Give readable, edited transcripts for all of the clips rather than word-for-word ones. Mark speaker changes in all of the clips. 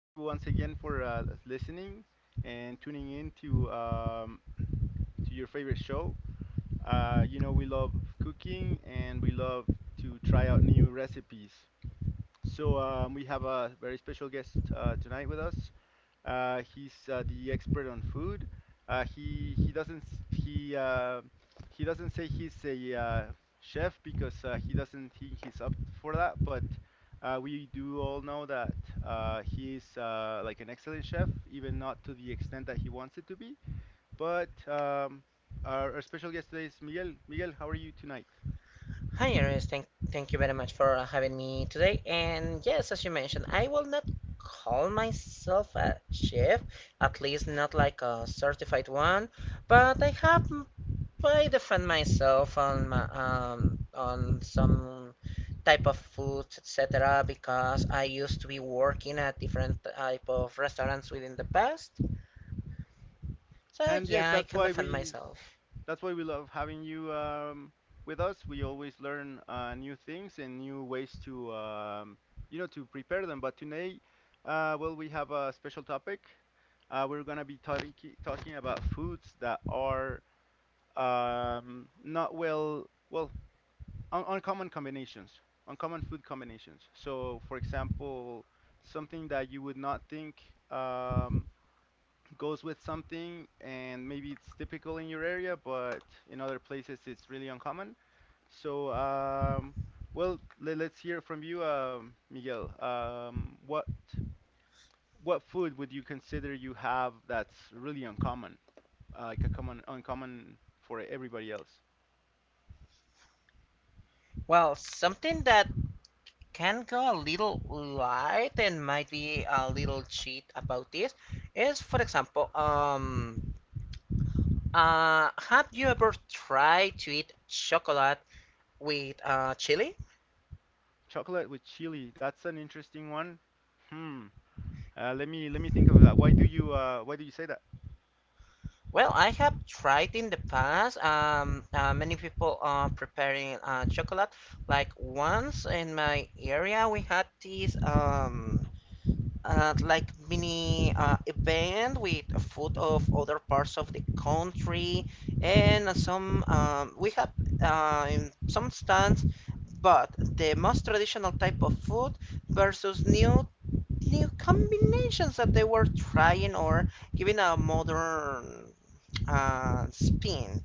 Speaker 1: Thank you once again for listening and tuning in to your favorite show. We love cooking and we love to try out new recipes. So we have a very special guest tonight with us. He's the expert on food. He doesn't he doesn't say he's a chef because he doesn't think he's up for that. But we do all know that he's like an excellent chef, even not to the extent that he wants it to be. But um, our special guest today is Miguel. Miguel, how are you tonight?
Speaker 2: Hi, Iris. Thank you very much for having me today. And yes, as you mentioned, I will not call myself a chef, at least not like a certified one, but I defend myself on some type of foods, etc. Because I used to be working at different type of restaurants within the past. So
Speaker 1: And yes,
Speaker 2: yeah, I can defend myself.
Speaker 1: that's why we love having you with us. We always learn new things and new ways to, to prepare them. But today, well, we have a special topic. We're gonna be talking about foods that are not well, well, un uncommon combinations, uncommon food combinations. So, for example, something that you would not think. Um, Goes with something and maybe it's typical in your area, but in other places it's really uncommon. So, well, us hear from you, Miguel. What food would you consider you have that's really uncommon, like a common uncommon for everybody else?
Speaker 2: Well, something that can go a little light and might be a little cheat about this is, for example, have you ever tried to eat chocolate with chili?
Speaker 1: Chocolate with chili, that's an interesting one. Hmm. Let me think of that. Why do you say that?
Speaker 2: Well, I have tried in the past. Many people are preparing chocolate. Like once in my area, we had this. Like mini event with a food of other parts of the country, and some we have in some stands, but the most traditional type of food versus new combinations that they were trying, or giving a modern spin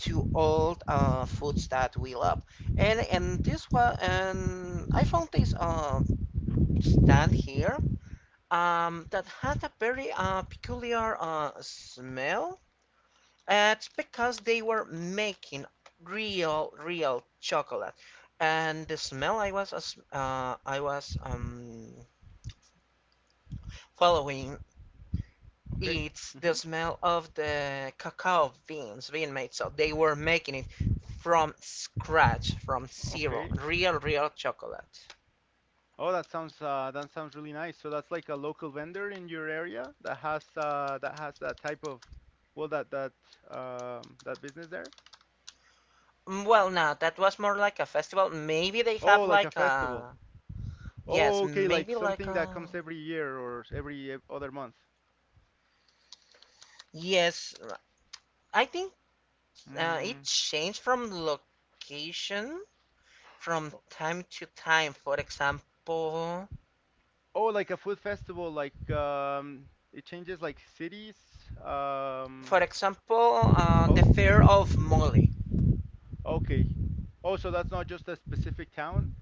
Speaker 2: to old foods that we love. And I found this stand here, that had a very peculiar smell. It's because they were making real, real chocolate, and the smell I was uh, I was um, following.
Speaker 1: Okay.
Speaker 2: It's the
Speaker 1: Hmm.
Speaker 2: smell of the cacao beans being made. So they were making it from scratch, from zero,
Speaker 1: Okay.
Speaker 2: real, real chocolate.
Speaker 1: Oh, that sounds really nice. So that's like a local vendor in your area that has that has that type of well that that that business there.
Speaker 2: Mm. Well, no, that was more like a festival. Maybe they have
Speaker 1: Oh, like a
Speaker 2: like
Speaker 1: festival.
Speaker 2: a. Yes,
Speaker 1: Oh, okay, like
Speaker 2: maybe like
Speaker 1: something that
Speaker 2: a.
Speaker 1: comes every year or every other month.
Speaker 2: Yes, I think it
Speaker 1: Mm.
Speaker 2: changed from location from time to time. For example,
Speaker 1: Oh, like a food festival. Like it changes like cities, um,
Speaker 2: the
Speaker 1: host.
Speaker 2: Fair of Mole.
Speaker 1: Okay. Oh, so that's not just a specific town.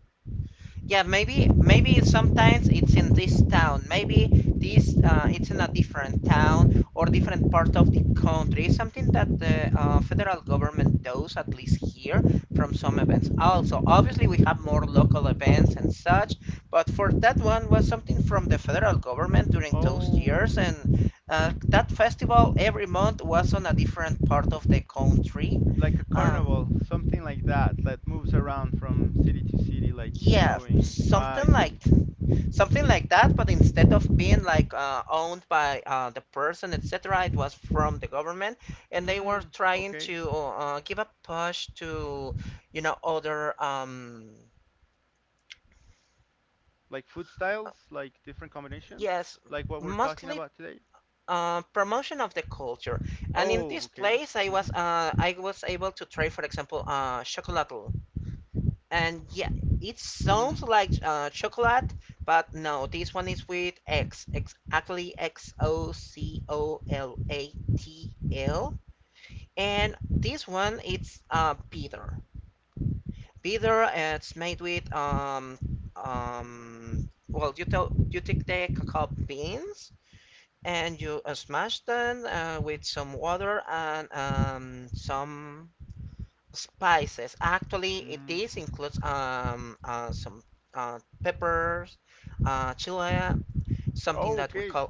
Speaker 2: Yeah, maybe sometimes it's in this town. Maybe this it's in a different town, or different part of the country. It's something that the federal government does, at least here, from some events. Also, obviously, we have more local events and such, but for that one was something from the federal government during those
Speaker 1: Oh,
Speaker 2: years, and that festival every month was on a different part of the country.
Speaker 1: like a carnival,
Speaker 2: Um,
Speaker 1: something like that, that moves around from city to city, like
Speaker 2: yeah,
Speaker 1: showing. Ah, I see.
Speaker 2: something like that, but instead of being like owned by the person, etc., it was from the government, and they were
Speaker 1: Hmm.
Speaker 2: trying
Speaker 1: Okay.
Speaker 2: to give a push to other.
Speaker 1: Like food styles, like different combinations,
Speaker 2: Yes,
Speaker 1: like what we're talking
Speaker 2: mostly
Speaker 1: about today.
Speaker 2: promotion of the culture. And in this
Speaker 1: Oh, okay.
Speaker 2: place,
Speaker 1: Mm-hmm.
Speaker 2: I was able to try, for example, chocolate. And yeah, it
Speaker 1: Hmm.
Speaker 2: sounds like chocolate, but no, this one is with X, exactly Xocolatl. And this one it's bitter. Bitter. It's made with. Well, you take the cacao beans, and you smash them with some water, and some spices. Actually, it
Speaker 1: Hmm.
Speaker 2: is includes some peppers, chile, something
Speaker 1: Oh,
Speaker 2: that we
Speaker 1: okay.
Speaker 2: call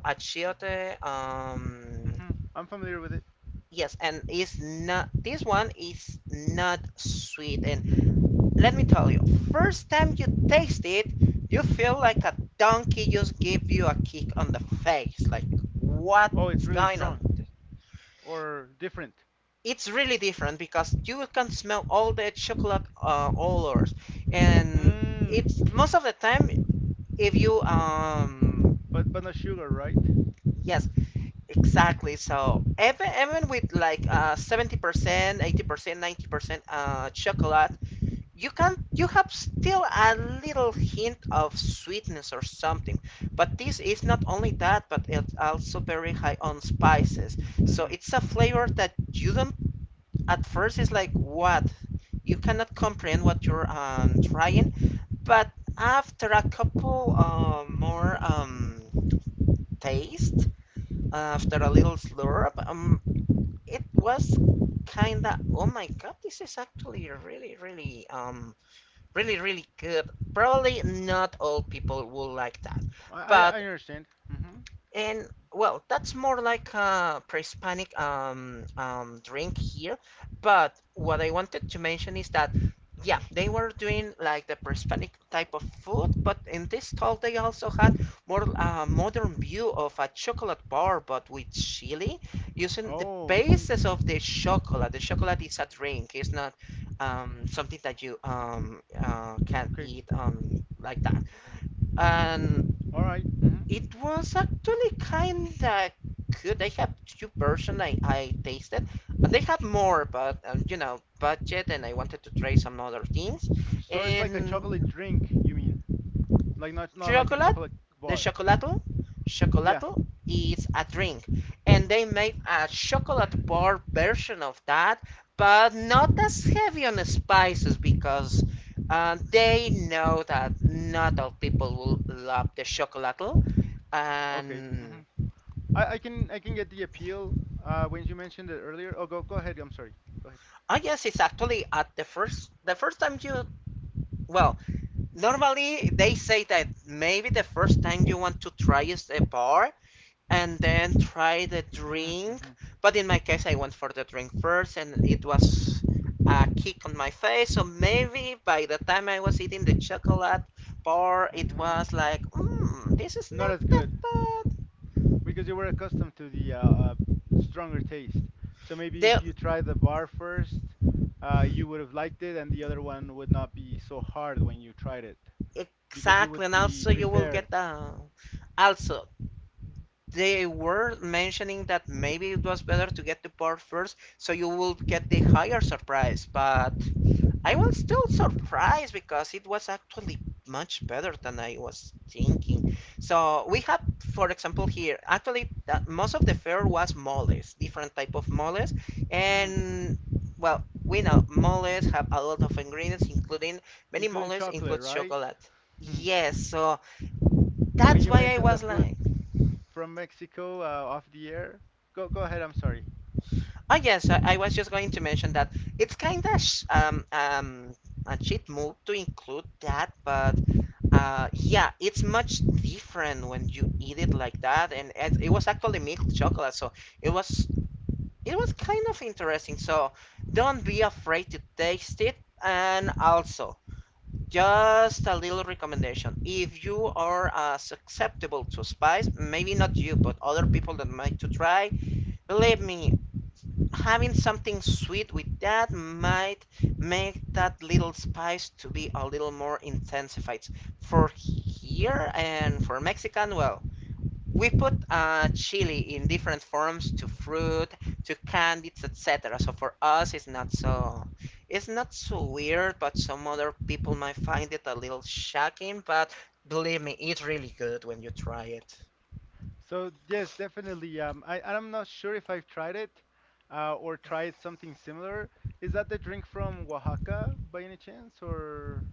Speaker 1: Mm-hmm.
Speaker 2: achiote.
Speaker 1: Mm-hmm. I'm familiar with it.
Speaker 2: Yes, and is not this one is not sweet. And let me tell you, first time you taste it, you feel like a donkey just gave you a kick on the face. Like,
Speaker 1: Oh, it's
Speaker 2: what's
Speaker 1: really
Speaker 2: going on?
Speaker 1: strong or different.
Speaker 2: It's really different because you can smell all the chocolate odors, and
Speaker 1: Hmm.
Speaker 2: it's most of the time if you
Speaker 1: But no sugar, right?
Speaker 2: yes, exactly. So even with like 70%, 80%, 90% chocolate, you have still a little hint of sweetness or something, but this is not only that, but it's also very high on spices. So
Speaker 1: Hmm.
Speaker 2: it's a
Speaker 1: Mm-hmm.
Speaker 2: flavor that you don't. At first it's like what. You cannot comprehend what you're trying, but after a couple more taste, after a little slurp, it was kind of, oh my god, this is actually really really really really good. Probably not all people will like that,
Speaker 1: I
Speaker 2: but.
Speaker 1: understand. Mm-hmm.
Speaker 2: And well, that's more like a pre-Hispanic drink here. But what I wanted to mention is that, yeah, they were doing like the pre-Hispanic type of food, but in this stall they also had more modern view of a chocolate bar, but with chili, using the
Speaker 1: Oh, okay.
Speaker 2: basis of the chocolate. The chocolate is a drink; it's not something that you can
Speaker 1: Okay.
Speaker 2: eat like that. And
Speaker 1: All right. Mm-hmm.
Speaker 2: it was actually kinda good. They have two versions I tasted. They have more, but budget, and I wanted to try some other things.
Speaker 1: So it's like a chocolate
Speaker 2: And
Speaker 1: drink, you mean? Like not like a
Speaker 2: chocolate,
Speaker 1: chocolate
Speaker 2: the
Speaker 1: bar.
Speaker 2: chocolato,
Speaker 1: Yeah.
Speaker 2: chocolato is a drink, and they made a chocolate bar version of that, but not as heavy on the spices, because they know that not all people will love the chocolato.
Speaker 1: Okay.
Speaker 2: And
Speaker 1: Hmm. I can get the appeal when you mentioned it earlier. Oh, go ahead. I'm sorry. Go ahead.
Speaker 2: I guess it's actually at the first time you. Well, normally they say that maybe the first time you want to try is a bar, and then try the drink,
Speaker 1: Mm-hmm.
Speaker 2: but in my case I went for the drink first, and it was a kick on my face. So maybe by the time I was eating the chocolate bar, it
Speaker 1: Mm-hmm.
Speaker 2: was like, this is
Speaker 1: Not
Speaker 2: not
Speaker 1: as
Speaker 2: that
Speaker 1: good
Speaker 2: bad.
Speaker 1: because you were accustomed to the uh stronger taste. So maybe if
Speaker 2: the,
Speaker 1: you try the bar first, you would have liked it and the other one would not be so hard when you tried it because you
Speaker 2: exactly.
Speaker 1: would
Speaker 2: And
Speaker 1: be
Speaker 2: also you will
Speaker 1: prepared.
Speaker 2: get a. Also, they were mentioning that maybe it was better to get the part first, so you will get the higher surprise, but I was still surprised, because it was actually much better than I was thinking. So we have, for example, here, actually, that most of the fare was moles, different type of moles,
Speaker 1: Hmm.
Speaker 2: and well, we know moles have a lot of ingredients, including, many
Speaker 1: Including
Speaker 2: moles
Speaker 1: chocolate,
Speaker 2: includes
Speaker 1: right?
Speaker 2: chocolate. Yes, so
Speaker 1: When
Speaker 2: that's
Speaker 1: you
Speaker 2: why I
Speaker 1: mentioned the
Speaker 2: was
Speaker 1: food
Speaker 2: like.
Speaker 1: from Mexico off the air. Go ahead. I'm sorry.
Speaker 2: Oh yes, I was just going to mention that it's kind of a cheat move to include that, but yeah, it's much different when you eat it like that, and it was actually milk chocolate, so it was it was kind of interesting. So don't be afraid to taste it, and also, just a little recommendation: if you are susceptible to spice, maybe not you, but other people that might to try, believe me, having something sweet with that might make that little spice to be a little more intensified. For here, and for Mexican, well, we put chili in different forms to fruit, to candies, etc. So for us, it's not so weird, but some other people might find it a little shocking. But believe me, it's really good when you try it.
Speaker 1: So yes, definitely. I I'm not sure if I've tried it, or tried something similar. Is that the drink from Oaxaca by any chance, or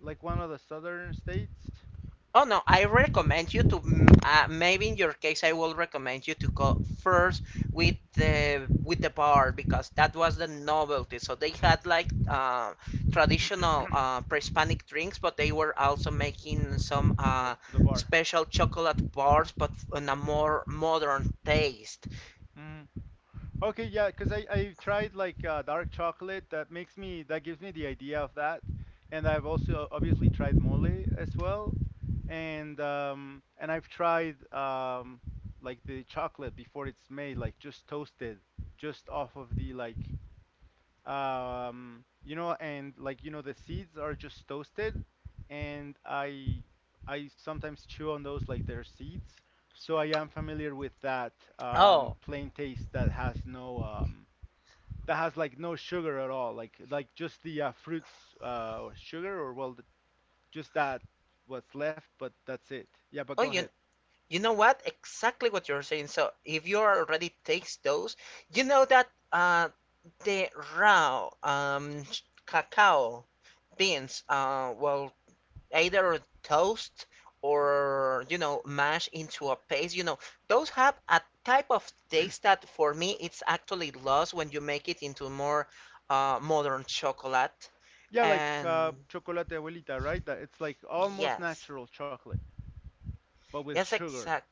Speaker 1: like one of the southern states?
Speaker 2: Oh no, I recommend you to, maybe in your case I will recommend you to go first with the bar, because that was the novelty. So they had like traditional pre-Hispanic drinks, but they were also making some
Speaker 1: The bar.
Speaker 2: special chocolate bars, but on a more modern taste.
Speaker 1: Okay, yeah, because I I've tried like dark chocolate. That gives me the idea of that, and I've also obviously tried mole as well, and I've tried like the chocolate before it's made, like just toasted, just off of the like, um, you know, and like you know the seeds are just toasted, and I sometimes chew on those like they're seeds, so I am familiar with that, um,
Speaker 2: Oh,
Speaker 1: plain taste that has no that has like no sugar at all, like just the fruits, uh, or sugar, or just that, what's left but that's it. Yeah, but go
Speaker 2: oh,
Speaker 1: ahead.
Speaker 2: you know what? Exactly what you're saying. So if you already takes those, you know that the raw cacao beans, well, either toast, or mash into a paste. You know those have a type of taste that for me it's actually lost when you make it into more modern chocolate.
Speaker 1: Yeah, like
Speaker 2: And
Speaker 1: chocolate abuelita, right? That it's like almost
Speaker 2: yes,
Speaker 1: natural chocolate but with
Speaker 2: yes,
Speaker 1: sugar.
Speaker 2: exactly.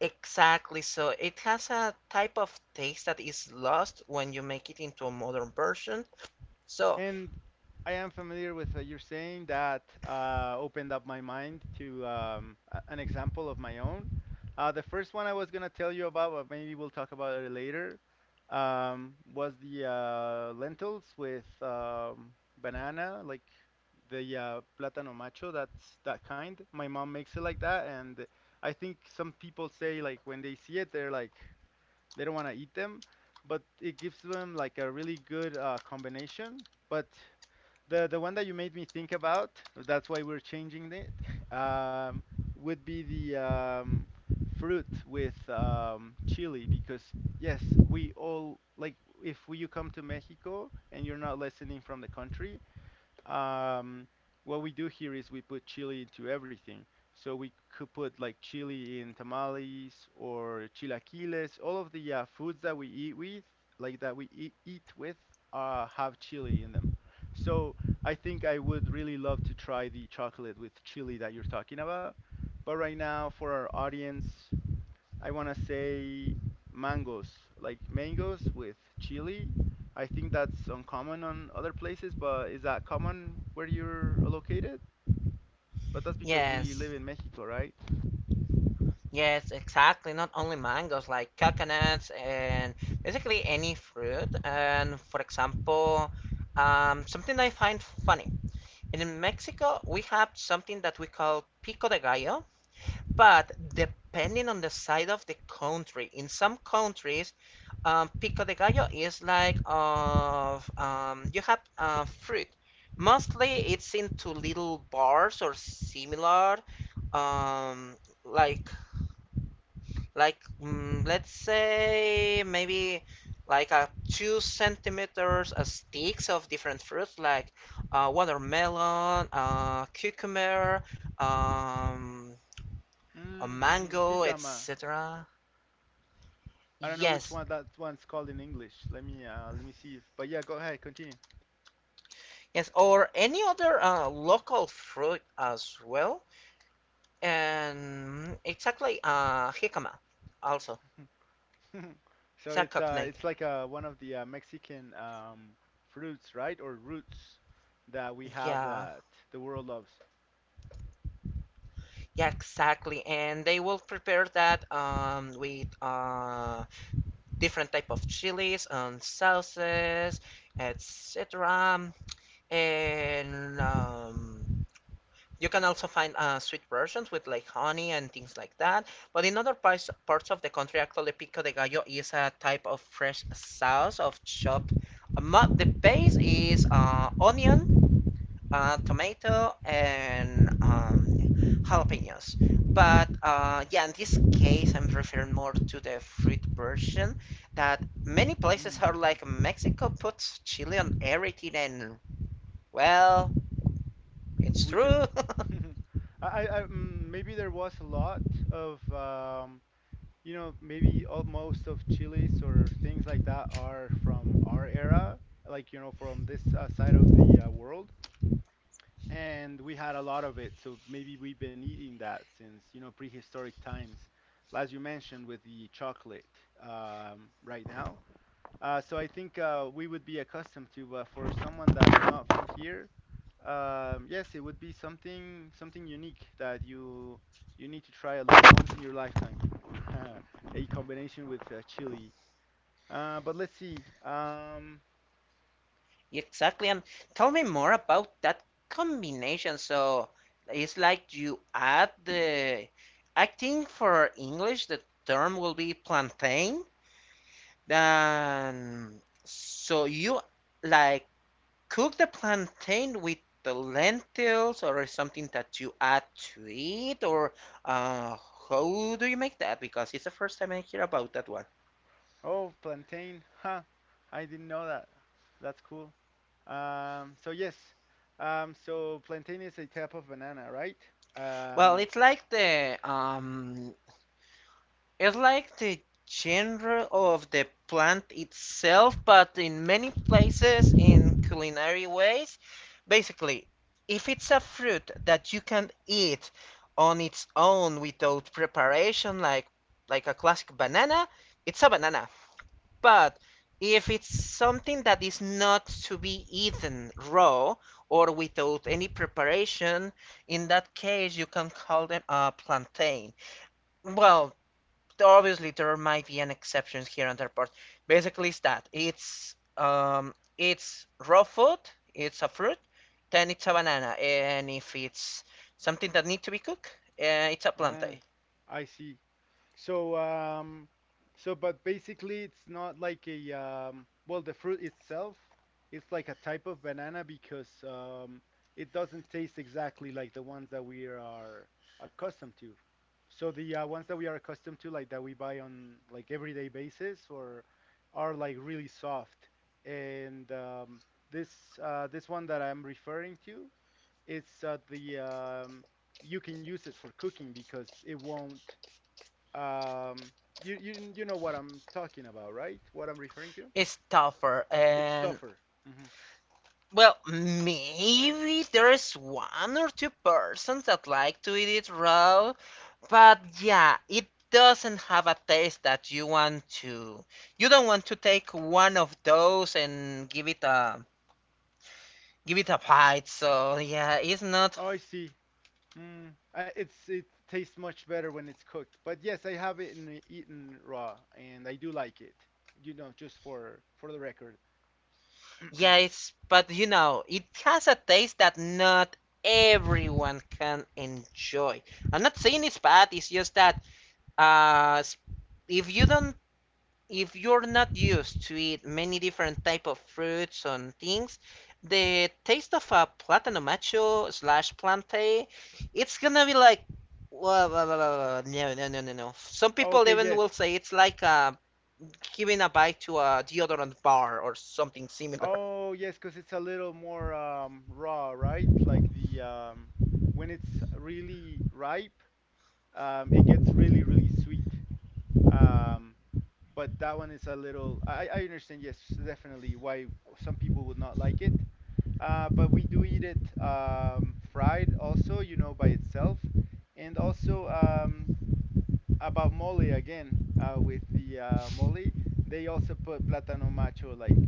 Speaker 2: Exactly. So it has a type of taste that is lost when you make it into a modern version. So,
Speaker 1: And I am familiar with you're saying that opened up my mind to, an example of my own. The first one I was gonna tell you about, but maybe we'll talk about it later, was the lentils with, banana, like the plátano macho. That's that kind. My mom makes it like that, and I think some people say like when they see it, they're like, they don't want to eat them, but it gives them like a really good combination. But the one that you made me think about, that's why we're changing it, um, would be the, fruit with, chili because yes, we all like, if you come to Mexico and you're not listening from the country, um, what we do here is we put chili into everything. So we could put like chili in tamales or chilaquiles. All of the foods that we eat with, like that we eat with, have chili in them. So I think I would really love to try the chocolate with chili that you're talking about. But right now, for our audience, I want to say mangoes, like mangoes with chili. I think that's uncommon on other places, but is that common where you're located? But that's because we live
Speaker 2: yes,
Speaker 1: in Mexico, right?
Speaker 2: yes, exactly. Not only mangoes, like coconuts, and basically any fruit. And for example, something I find funny. In Mexico, we have something that we call pico de gallo, but depending on the side of the country, in some countries, pico de gallo is like of, you have fruit. Mostly it's into little bars or similar, um, like let's say maybe like a 2 centimeters sticks of different fruits, like watermelon, cucumber, um, a
Speaker 1: Mm-hmm.
Speaker 2: mango,
Speaker 1: Jicama.
Speaker 2: etc.
Speaker 1: I don't know which
Speaker 2: Yes,
Speaker 1: one that one's called in English. Let me see if. But yeah, go ahead, continue.
Speaker 2: Yes, or any other local fruit as well. And exactly, jicama also.
Speaker 1: So
Speaker 2: It's a
Speaker 1: it's
Speaker 2: cognate.
Speaker 1: like one of the Mexican fruits, right? Or roots that we have
Speaker 2: Yeah,
Speaker 1: that the world loves.
Speaker 2: yeah, exactly. And they will prepare that with different type of chilies and sauces, etc. And you can also find sweet versions with like honey and things like that. But in other parts of the country, actually, pico de gallo is a type of fresh sauce of chopped. The base is onion, tomato, and jalapenos. But yeah, in this case, I'm referring more to the fruit version, that many places are like
Speaker 1: Mm-hmm.
Speaker 2: Mexico puts chili on everything, and well, it's
Speaker 1: We do.
Speaker 2: true.
Speaker 1: Maybe there was a lot of, you know, maybe most of chilies or things like that are from our era, like you know from this side of the world, and we had a lot of it. So maybe we've been eating that since, you know, prehistoric times, as you mentioned with the chocolate, right now. So I think we would be accustomed to, for someone that's not from here. Yes, it would be something, something unique that you need to try at least once in your lifetime. A combination with chili. But let's see. Um,
Speaker 2: Exactly. And tell me more about that combination. So it's like you add the, I think for English, the term will be plantain. Then, so you like cook the plantain with the lentils or something that you add to it, or uh, how do you make that? Because it's the first time I hear about that one.
Speaker 1: oh, plantain. Huh. I didn't know that. That's cool. So yes. So plantain is a type of banana, right?
Speaker 2: Well,
Speaker 1: Um,
Speaker 2: it's like the It's like the genre of the plant itself, but in many places in culinary ways. Basically, if it's a fruit that you can eat on its own without preparation, like a classic banana, it's a banana. But if it's something that is not to be eaten raw or without any preparation, in that case you can call them a plantain. Well, obviously there might be an exceptions here and there, but basically it's that it's it's raw food, it's a fruit, then it's a banana, and if it's something that needs to be cooked, it's a
Speaker 1: oh,
Speaker 2: plantain.
Speaker 1: I see. So, so but basically, it's not like a, well, the fruit itself, it's like a type of banana because, it doesn't taste exactly like the ones that we are accustomed to. So the ones that we are accustomed to, like that we buy on like everyday basis, or are like really soft. And this this one that I'm referring to, it's the, you can use it for cooking because it won't. Um, you know what I'm talking about, right? What I'm referring to?
Speaker 2: It's tougher,
Speaker 1: It's
Speaker 2: and
Speaker 1: tougher. Hmm.
Speaker 2: well, maybe there's one or two persons that like to eat it raw, but yeah, it doesn't have a taste that you want to. You don't want to take one of those and give it a fight. So yeah, it's not.
Speaker 1: Oh, I see. Mm. It's it tastes much better when it's cooked. But yes, I have it in, eaten raw, and I do like it. You know, just for the record.
Speaker 2: Yeah, it's but you know it has a taste that not everyone can enjoy. I'm not saying it's bad. It's just that uh, if you don't, if you're not used to eat many different type of fruits and things, the taste of a plátano macho slash plantain, it's gonna be like. Whoa, whoa, whoa, whoa, whoa, no, no, no, no, no. Some people
Speaker 1: Okay,
Speaker 2: even will
Speaker 1: yes.
Speaker 2: say it's like a giving a bite to a deodorant bar or something similar.
Speaker 1: Oh, yes, because it's a little more, raw, right? Like the, when it's really ripe, it gets really, really sweet. Um, but that one is a little. I understand, yes, definitely why some people would not like it. But we do eat it, fried also, you know, by itself. And also, about mole again, with the mole, they also put plátano macho like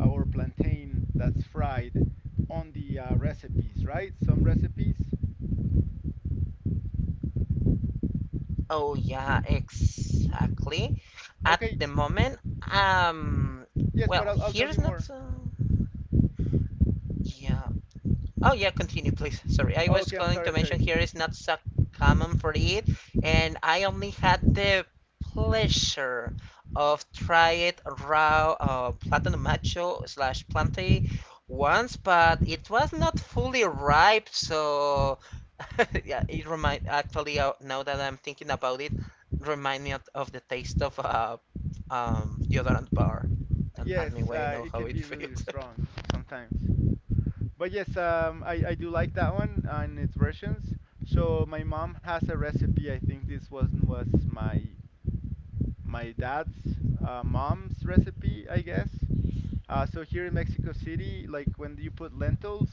Speaker 1: or plantain that's fried on the recipes, right? Some recipes.
Speaker 2: Oh yeah, exactly. At
Speaker 1: Okay,
Speaker 2: the moment, um,
Speaker 1: yes, but
Speaker 2: well,
Speaker 1: I'll tell
Speaker 2: here's
Speaker 1: you
Speaker 2: not.
Speaker 1: more.
Speaker 2: Yeah, oh yeah, continue please. Sorry, I was
Speaker 1: Okay, I'm
Speaker 2: going
Speaker 1: sorry,
Speaker 2: to
Speaker 1: I'm
Speaker 2: mention
Speaker 1: sorry.
Speaker 2: here is not so common for it, and I only had the pleasure of try it raw platinum macho slash planty once, but it was not fully ripe, so yeah, it remind actually now that I'm thinking about it, remind me of the taste of deodorant bar. Don't ask
Speaker 1: Yes,
Speaker 2: me why I know
Speaker 1: it
Speaker 2: how
Speaker 1: can
Speaker 2: it
Speaker 1: be really
Speaker 2: feels.
Speaker 1: strong sometimes. But yes, I do like that one and its versions. So my mom has a recipe. I think this one was my dad's mom's recipe, I guess. So here in Mexico City, like when you put lentils,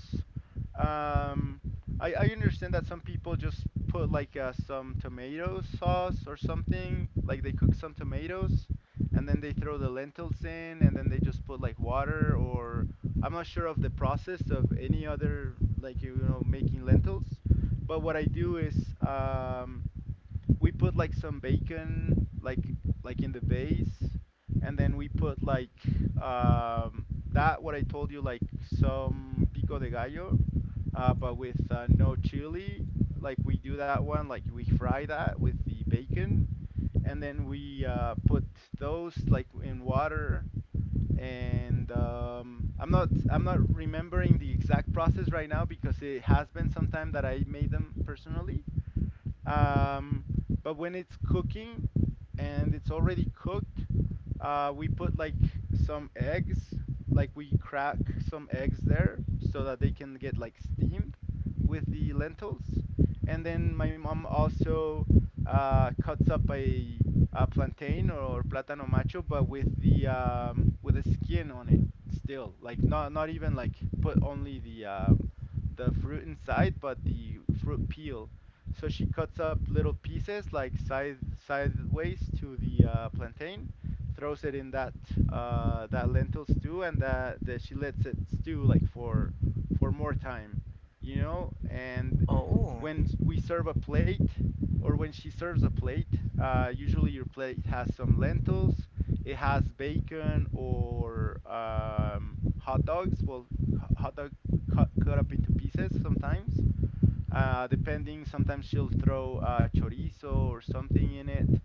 Speaker 1: um, I understand that some people just put like some tomato sauce or something, like they cook some tomatoes and then they throw the lentils in and then they just put like water, or I'm not sure of the process of any other, like you know, making lentils. But what I do is we put like some bacon like in the base, and then we put like um that what I told you, like some pico de gallo, but with no chili. Like we do that one, like we fry that with the bacon, and then we put those like in water. And um, I'm not remembering the exact process right now because it has been some time that I made them personally. um but when it's cooking, and it's already cooked, we put like some eggs, like we crack some eggs there so that they can get like steamed with the lentils. And then my mom also cuts up a plantain or plátano macho, but with the skin on it still, like not even like put only the fruit inside, but the fruit peel. So she cuts up little pieces like sideways to the plantain, throws it in that that lentil stew, and that she lets it stew like for more time, you know. And
Speaker 2: oh,
Speaker 1: when we serve a plate, or when she serves a plate, usually your plate has some lentils, it has bacon or hot dogs. Well, hot dog cut up into pieces sometimes. Depending, sometimes she'll throw chorizo or something in it.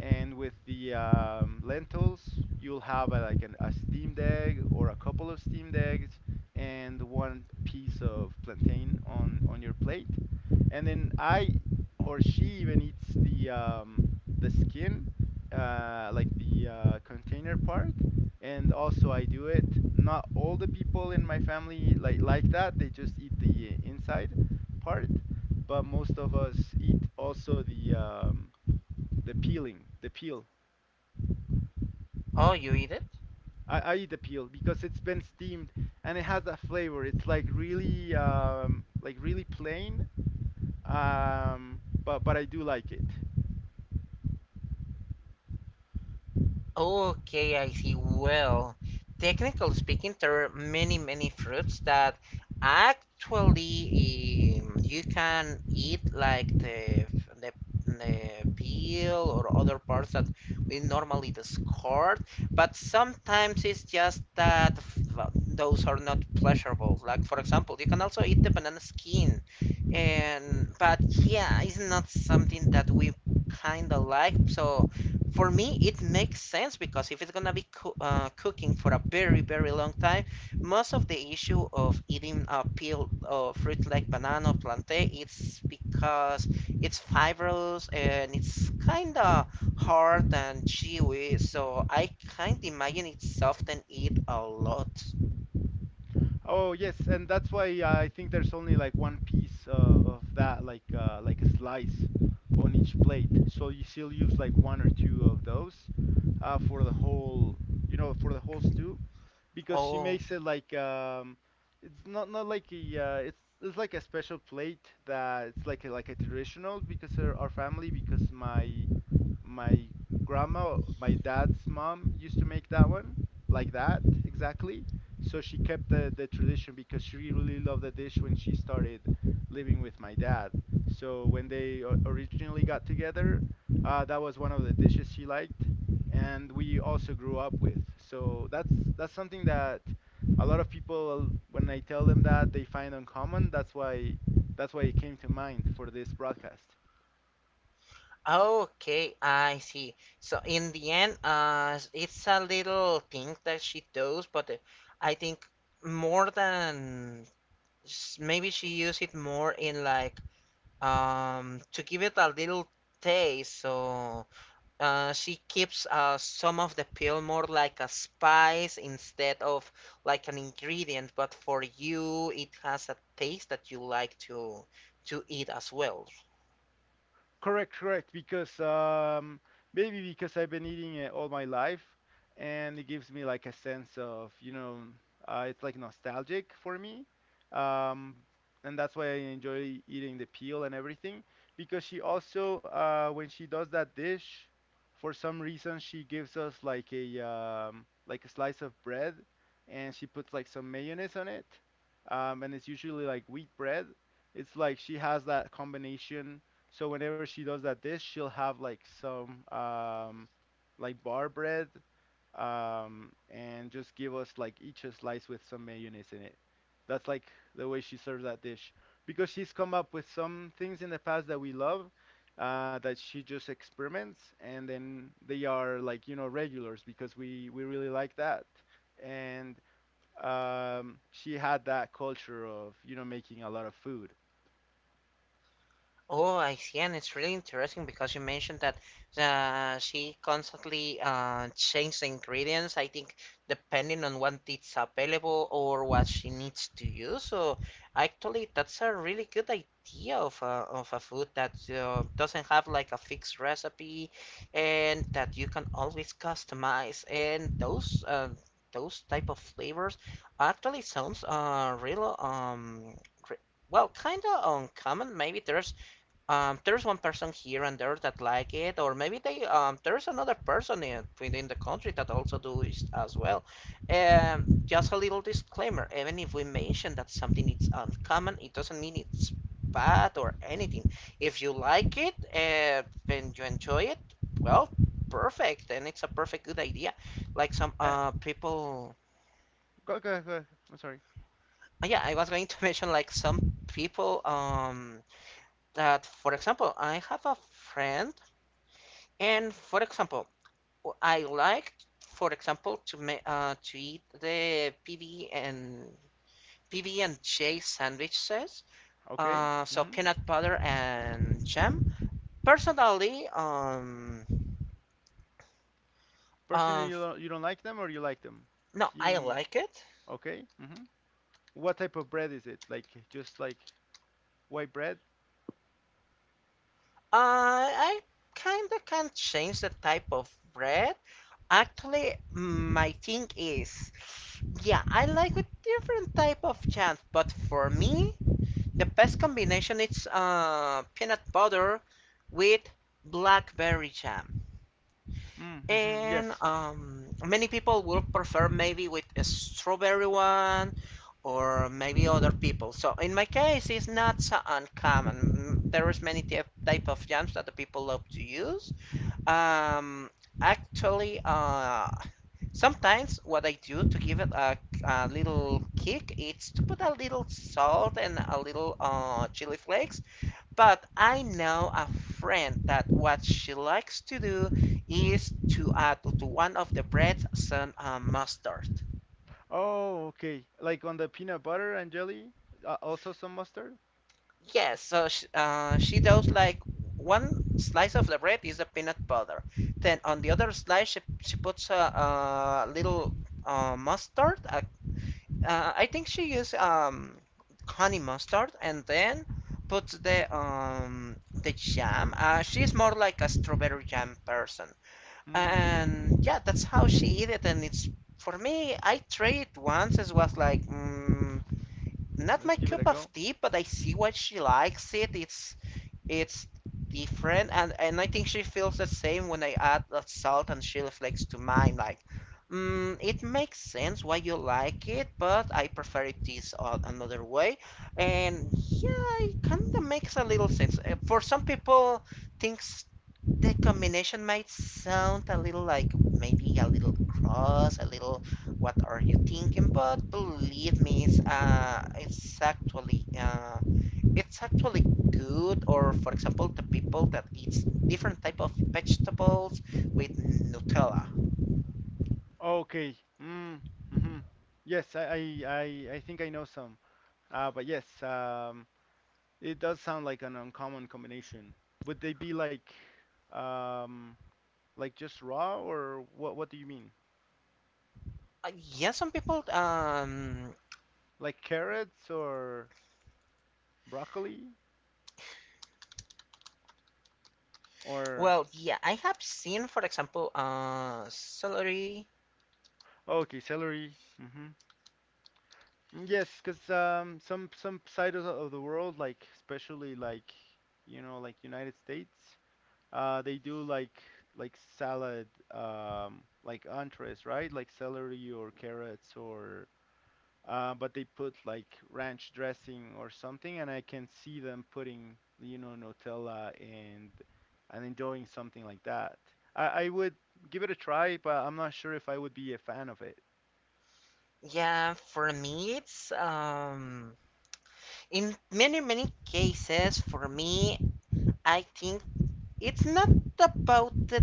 Speaker 1: And with the lentils, you'll have a, like a steamed egg or a couple of steamed eggs and one piece of plantain on your plate. And then I or she even eats the skin, like the container part. And also I do it. Not all the people in my family like that. They just eat the inside part, but most of us eat also the peeling, the peel.
Speaker 2: oh, you eat it?
Speaker 1: I eat the peel because it's been steamed and it has that flavor. It's like really plain, but I do like it.
Speaker 2: Okay, I see. Well, technically speaking, there are many, many fruits that actually you can eat, like the the peel or other parts that we normally discard. But sometimes it's just that those are not pleasurable. Like for example, you can also eat the banana skin, and but yeah, it's not something that we kind of like. So for me it makes sense because if it's gonna be cooking for a very very long time, most of the issue of eating a peel of fruit like banana or plantain it's because it's fibrous and it's kind of hard and chewy, so I can't imagine it soften it a lot.
Speaker 1: Oh yes, and that's why I think there's only like one piece of that, like a slice on each plate. So you still use like one or two of those for the whole, you know, for the whole stew, because she
Speaker 2: Oh,
Speaker 1: makes it like it's not like a it's like a special plate that it's like a traditional because our family, because my grandma, my dad's mom, used to make that one like that exactly. So she kept the tradition because she really loved the dish when she started living with my dad. So when they originally got together, that was one of the dishes she liked, and we also grew up with. So that's something that a lot of people, when I tell them that, they find uncommon. That's why it came to mind for this broadcast.
Speaker 2: okay, I see. So in the end, it's a little thing that she does, but I think more than maybe she use it more in like to give it a little taste. So she keeps some of the pill more like a spice instead of like an ingredient. But for you, it has a taste that you like to eat as well.
Speaker 1: Correct, correct. Because maybe because I've been eating it all my life, and it gives me like a sense of, you know, it's like nostalgic for me. Um, and that's why I enjoy eating the peel and everything. Because she also, when she does that dish, for some reason she gives us like a slice of bread, and she puts like some mayonnaise on it. And it's usually like wheat bread. It's like she has that combination, so whenever she does that dish, she'll have like some like bar bread, and just give us like each a slice with some mayonnaise in it. That's like the way she serves that dish. Because she's come up with some things in the past that we love, that she just experiments and then they are like, you know, regulars because we really like that. And she had that culture of, you know, making a lot of food.
Speaker 2: Oh, I see, and it's really interesting because you mentioned that she constantly changed the ingredients. I think depending on what is available or what she needs to use. So actually, that's a really good idea of of a food that doesn't have like a fixed recipe, and that you can always customize. And those type of flavors actually sounds re- Well, kind of uncommon. Maybe there's one person here and there that like it, or maybe they there's another person in within the country that also do it as well. Just a little disclaimer: even if we mention that something is uncommon, it doesn't mean it's bad or anything. If you like it and you enjoy it, well, perfect, and it's a perfect good idea. Like some
Speaker 1: And
Speaker 2: people,
Speaker 1: go, go, go. I'm sorry.
Speaker 2: ah, yeah, I was going to mention like some people that, for example, I have a friend. And for example, I like, for example, to ma to eat the PB and PB and J sandwiches.
Speaker 1: Okay.
Speaker 2: So
Speaker 1: Hmm.
Speaker 2: peanut butter and jam. Personally,
Speaker 1: Personally,
Speaker 2: um,
Speaker 1: you don't like them or you like them?
Speaker 2: no, I
Speaker 1: Team.
Speaker 2: like it.
Speaker 1: Okay. Hmm. What type of bread is it? Like just like white bread?
Speaker 2: I kind of can change the type of bread. Actually, my thing is, yeah, I like a different type of jam, but for me. The best combination is peanut butter with blackberry jam.
Speaker 1: Mm-hmm.
Speaker 2: And
Speaker 1: Yes.
Speaker 2: many people will prefer maybe with a strawberry one or maybe other people. So in my case, it's not so uncommon. Mm, there is many type of jams that the people love to use. Um, actually, sometimes what I do to give it a little kick, is to put a little salt and a little chili flakes, but I know a friend that what she likes to do is to add to one of the breads some mustard.
Speaker 1: Oh, okay. Like on the peanut butter and jelly, also some mustard?
Speaker 2: Yes, so she does like one slice of the bread is a peanut butter. Then on the other slice, she puts a little mustard. I think she used honey mustard and then puts the jam. She's more like a strawberry jam person.
Speaker 1: Mm-hmm.
Speaker 2: And yeah, that's how she eat it. And it's for me, I tried it once. It was like mm, not
Speaker 1: Let's
Speaker 2: my
Speaker 1: give it a
Speaker 2: cup of
Speaker 1: go.
Speaker 2: tea, but I see why she likes it. It's different, and I think she feels the same when I add the salt and chili flakes to mine. Like, mm, it makes sense why you like it, but I prefer it this another way. And yeah, it kind of makes a little sense. For some people, things that combination might sound a little like maybe a little cross, a little what are you thinking? But believe me, it's actually good. Or for example, the people that eats different type of vegetables with Nutella.
Speaker 1: Okay. Mm-hmm. Yes, I think I know some. But yes, it does sound like an uncommon combination. Would they be like, um, like just raw or what do you mean?
Speaker 2: Yeah, some people
Speaker 1: Like carrots or broccoli or
Speaker 2: Well, yeah, I have seen, for example, celery.
Speaker 1: oh, okay, celery. Mhm. Yes, because some side of the world, like especially like you know, like United States, uh, they do like salad like entrees, right? Like celery or carrots or but they put like ranch dressing or something, and I can see them putting, you know, Nutella and enjoying something like that. I would give it a try, but I'm not sure if I would be a fan of it.
Speaker 2: Yeah, for me, it's in many many cases for me I think it's not about the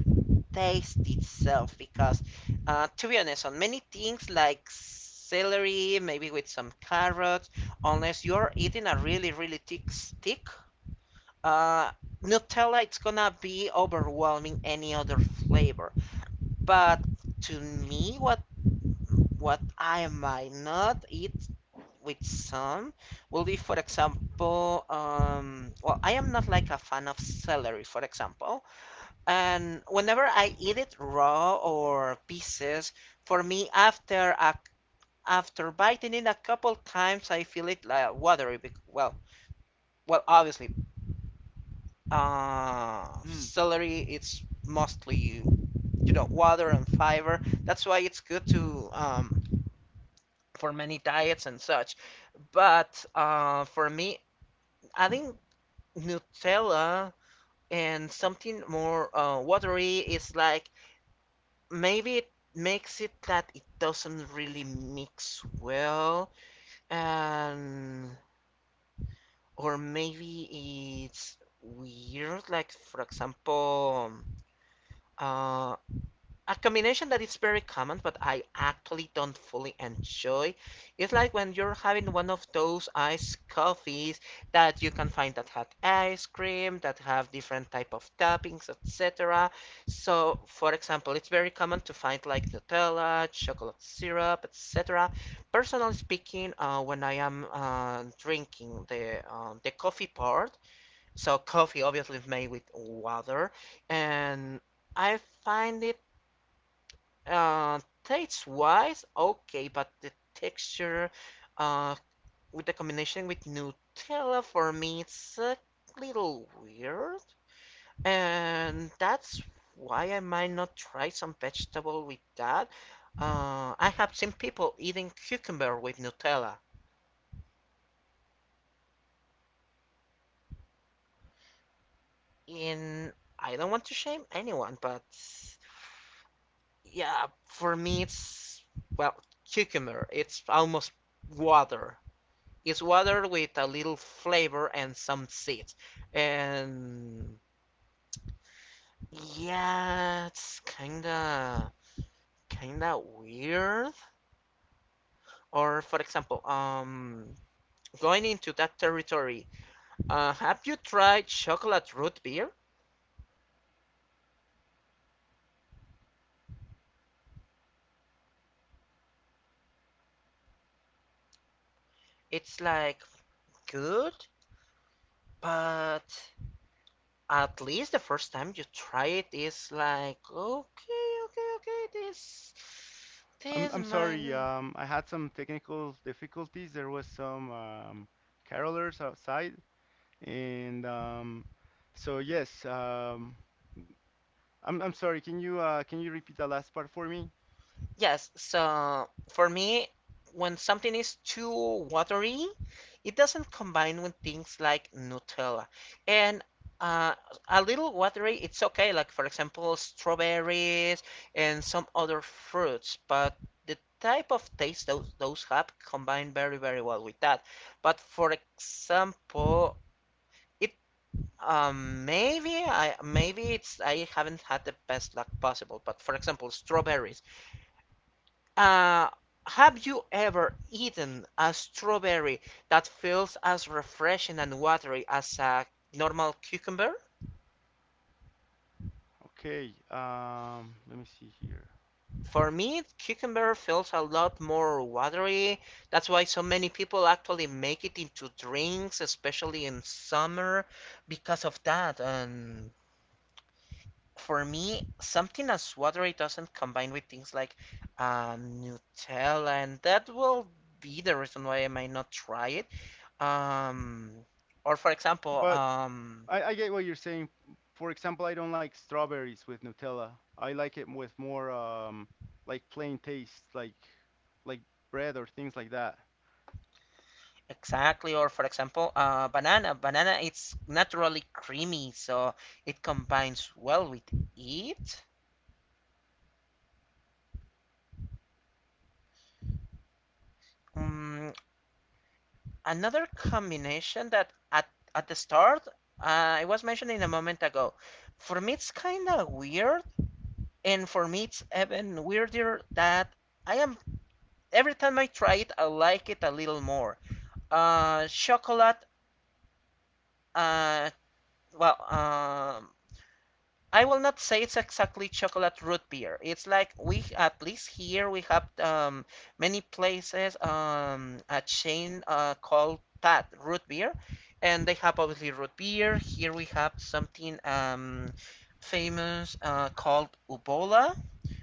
Speaker 2: taste itself because to be honest on many things like celery maybe with some carrots unless you're eating a really really thick stick, uh, Nutella it's gonna be overwhelming any other flavor, but to me what I might not eat with some will be, for example, well, I am not like a fan of celery, for example. And whenever I eat it raw or pieces, for me, after biting it a couple times, I feel it like watery. Well, well, obviously,
Speaker 1: Mm.
Speaker 2: celery it's mostly you know water and fiber. That's why it's good to for many diets and such. But for me, adding Nutella and something more watery is like maybe it makes it that it doesn't really mix well, and or maybe it's weird like for example uh, a combination that is very common, but I actually don't fully enjoy. It's like when you're having one of those iced coffees that you can find that had ice cream, that have different type of toppings, etc. So, for example, it's very common to find like Nutella, chocolate syrup, etc. Personally speaking, when I am drinking the coffee part, so coffee obviously is made with water, and I find it taste wise, okay, but the texture, uh, with the combination with Nutella for me, it's a little weird. And that's why I might not try some vegetable with that. I have seen people eating cucumber with Nutella. In I don't want to shame anyone, but yeah, for me it's well, cucumber. It's almost water. It's water with a little flavor and some seeds. And yeah, it's kinda weird. Or for example, going into that territory, have you tried chocolate root beer? It's like good, but at least the first time you try it is like okay, okay, okay, this
Speaker 1: I'm
Speaker 2: this
Speaker 1: I'm
Speaker 2: might
Speaker 1: sorry.
Speaker 2: not.
Speaker 1: I had some technical difficulties. There was some carolers outside, and so yes. I'm sorry. Can you repeat that last part for me?
Speaker 2: Yes, so for me, when something is too watery, it doesn't combine with things like Nutella. And uh, a little watery, it's okay, like for example, strawberries and some other fruits, but the type of taste those have combine very, very well with that. But for example, it maybe I maybe it's I haven't had the best luck possible, but for example, strawberries. Uh, have you ever eaten a strawberry that feels as refreshing and watery as a normal cucumber?
Speaker 1: Okay. Let me see here.
Speaker 2: For me, cucumber feels a lot more watery. That's why so many people actually make it into drinks, especially in summer, because of that. And for me, something as watery doesn't combine with things like Nutella, and that will be the reason why I might not try it. Um, or for example,
Speaker 1: But I get what you're saying. For example, I don't like strawberries with Nutella. I like it with more like plain taste, like bread or things like that.
Speaker 2: exactly, or for example, banana. Banana, it's naturally creamy, so it combines well with it. Mm, another combination that at the start I was mentioning a moment ago. For me, it's kind of weird. And for me, it's even weirder that I am every time I try it, I like it a little more. Chocolate. Uh, well, um, I will not say it's exactly chocolate root beer. It's like we, at least here, we have many places, a chain called that root beer, and they have obviously root beer. Here we have something famous called Ubola,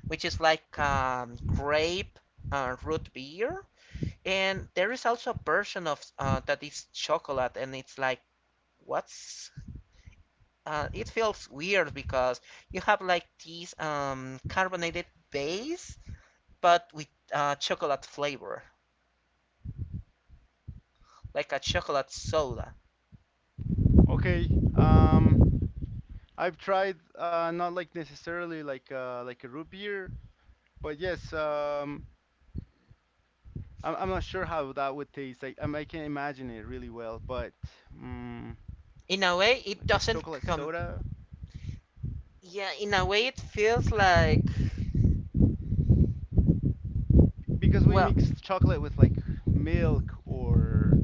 Speaker 2: which is like grape root beer. And there is also a version of that is chocolate, and it's like what's it feels weird because you have like this carbonated base, but with chocolate flavor, like a chocolate soda.
Speaker 1: Okay. I've tried uh, not like necessarily like uh, like a root beer, but yes, I'm not sure how that would taste. I can't imagine it really well, but mm,
Speaker 2: In a way, it
Speaker 1: like a
Speaker 2: doesn't
Speaker 1: chocolate
Speaker 2: come.
Speaker 1: soda,
Speaker 2: Yeah, in a way, it feels like
Speaker 1: because we
Speaker 2: well,
Speaker 1: mix chocolate with like milk or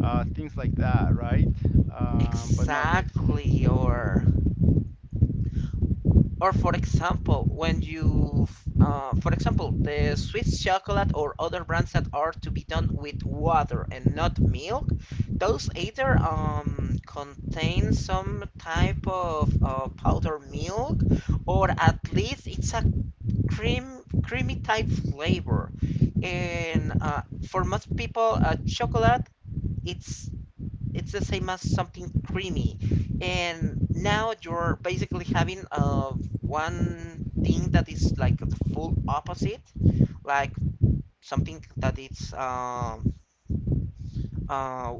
Speaker 1: things like that, right? But not with,
Speaker 2: exactly. Or for example, for example, the Swiss chocolate or other brands that are to be done with water and not milk, those either contain some type of powder milk, or at least it's a creamy type flavor. And for most people, chocolate it's it's the same as something creamy. And now you're basically having one thing that is like the full opposite, like something that it's uh,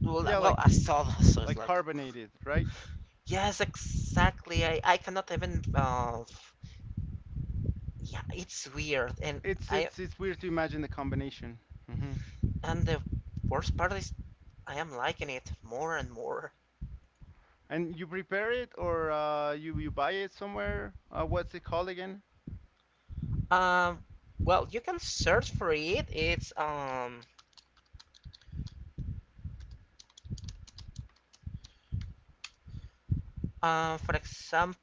Speaker 2: well,
Speaker 1: yeah,
Speaker 2: well
Speaker 1: like
Speaker 2: a
Speaker 1: the,
Speaker 2: soda. So it's
Speaker 1: like
Speaker 2: like
Speaker 1: carbonated, right?
Speaker 2: yes, exactly. I cannot even yeah, it's weird.
Speaker 1: It's
Speaker 2: I
Speaker 1: it's weird to imagine the combination. Hmm.
Speaker 2: and the worst part is I am liking it more and more.
Speaker 1: And you prepare it or you you buy it somewhere? What's it called again?
Speaker 2: Um, you can search for it. It's For example,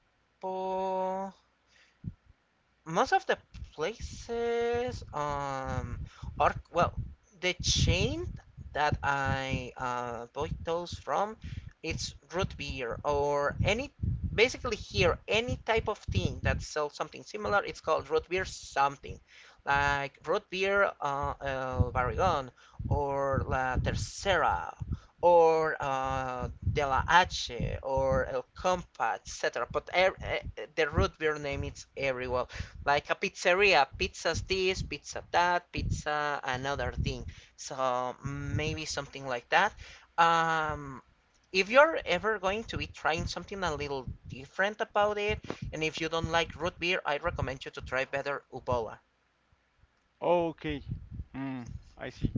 Speaker 2: most of the places are, well, the chain that I bought those from, it's root beer, or any, basically here any type of thing that sells something similar, it's called root beer something, like root beer El Barrigón, or La Tercera, or De La H, or El Compa, etc., the root beer name is everywhere, like a pizzeria, pizza's this, pizza that, pizza another thing. So maybe something like that. um, if you're ever going to be trying something a little different about it, and if you don't like root beer, I recommend you to try better Ubola.
Speaker 1: Okay. Hmm. I see.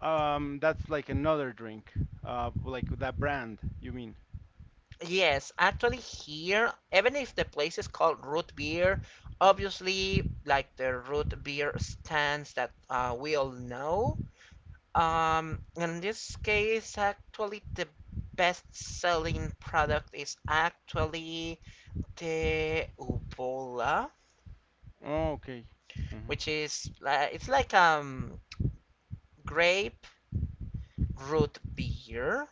Speaker 1: That's like another drink. Like that brand, you mean?
Speaker 2: Yes, actually here, even if the place is called root beer, obviously like the root beer stands that we all know. In this case, actually, the best-selling product is actually the Ubola,
Speaker 1: Okay. Hmm.
Speaker 2: which is like grape root beer.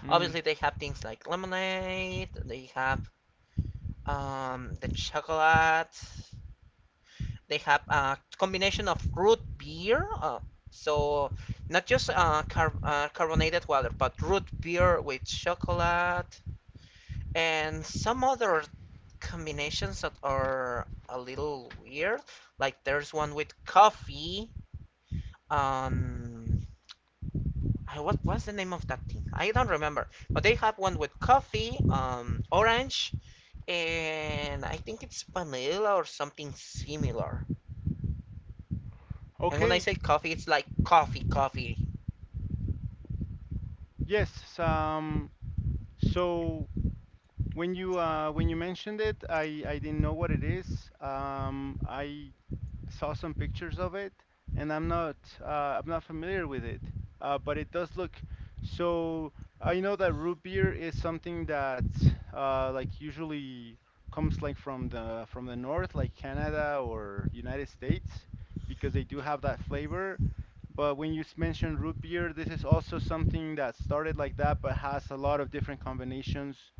Speaker 1: Mm.
Speaker 2: Obviously, they have things like lemonade. They have the chocolate. They have a combination of root beer. So, not just carbonated water, but root beer with chocolate and some other combinations that are a little weird. Like there's one with coffee. Um, what was the name of that thing? I don't remember. But they have one with coffee, orange, and I think it's vanilla or something similar. And when I
Speaker 1: Okay.
Speaker 2: say coffee, it's like coffee, coffee.
Speaker 1: Yes. So. When you mentioned it, I didn't know what it is. I saw some pictures of it, and I'm not familiar with it. But it does look so. I know that root beer is something that like usually comes like from the north, like Canada or United States, because they do have that flavor. But when you mention root beer, this is also something that started like that, but has a lot of different combinations,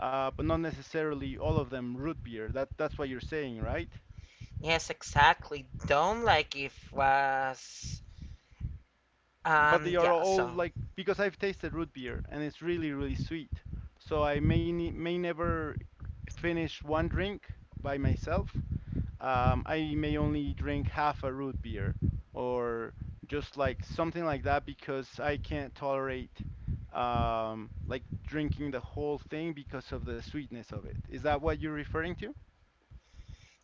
Speaker 1: but not necessarily all of them root beer. That that's what you're saying, right?
Speaker 2: Yes, exactly. Don't like if was.
Speaker 1: But they
Speaker 2: Um,
Speaker 1: are
Speaker 2: yeah,
Speaker 1: all
Speaker 2: so.
Speaker 1: like, because I've tasted root beer and it's really really sweet. So I may may never finish one drink by myself. I may only drink half a root beer or just like something like that because I can't tolerate like drinking the whole thing because of the sweetness of it. Is that what you're referring to?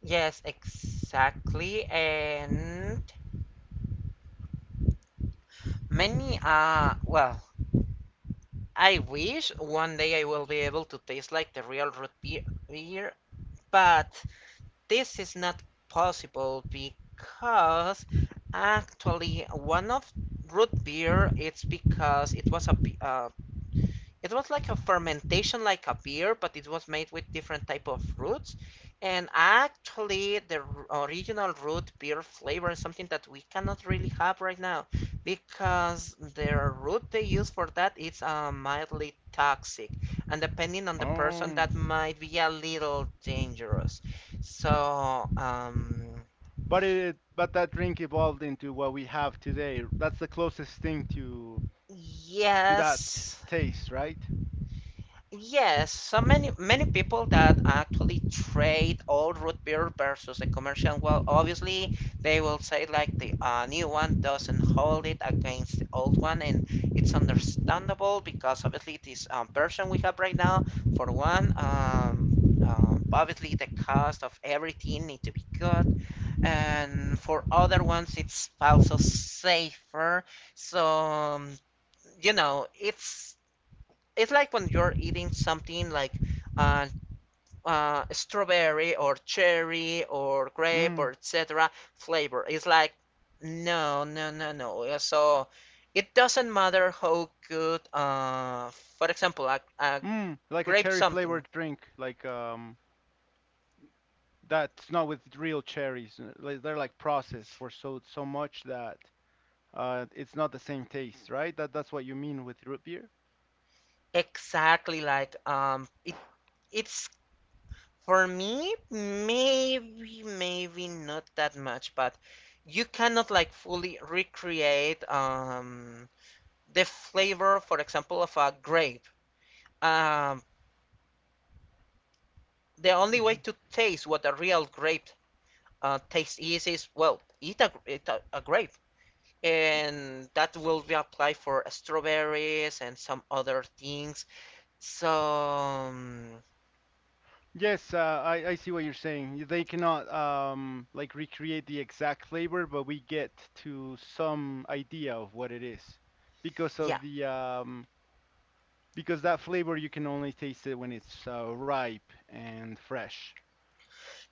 Speaker 2: Yes, exactly. And many well, I wish one day I will be able to taste like the real root beer, beer, but this is not possible because actually one of root beer, it's because it was a uh, it was like a fermentation, like a beer, but it was made with different type of roots. And actually the original root beer flavor is something that we cannot really have right now, because the root they use for that is mildly toxic, and depending on the person
Speaker 1: Oh,
Speaker 2: that might be a little dangerous, so
Speaker 1: but it, but that drink evolved into what we have today. That's the closest thing to that
Speaker 2: yes.
Speaker 1: taste, right?
Speaker 2: Yes, so many, many people that actually trade old root beer versus a commercial one, obviously they will say like the new one doesn't hold it against the old one, and it's understandable because obviously this version we have right now, for one, obviously the cost of everything need to be good, and for other ones it's also safer. So you know, it's like when you're eating something like uh, strawberry, or cherry, or grape,
Speaker 1: Mm,
Speaker 2: or etc. flavor. It's like no, no, no, no. So, it doesn't matter how good, for example, a
Speaker 1: mm, like a
Speaker 2: grape
Speaker 1: cherry flavored
Speaker 2: something.
Speaker 1: drink, like that's not with real cherries. Uh, like, they're like processed for so so much that it's not the same taste, right? That that's what you mean with root beer.
Speaker 2: Exactly, like it's for me maybe not that much, but you cannot like fully recreate the flavor, for example, of a grape. Um, the only way to taste what a real grape taste is well, a grape, and that will be applied for strawberries and some other things. So
Speaker 1: Yes, I see what you're saying. They cannot like recreate the exact flavor, but we get to some idea of what it is because
Speaker 2: yeah,
Speaker 1: of the because that flavor you can only taste it when it's ripe and fresh.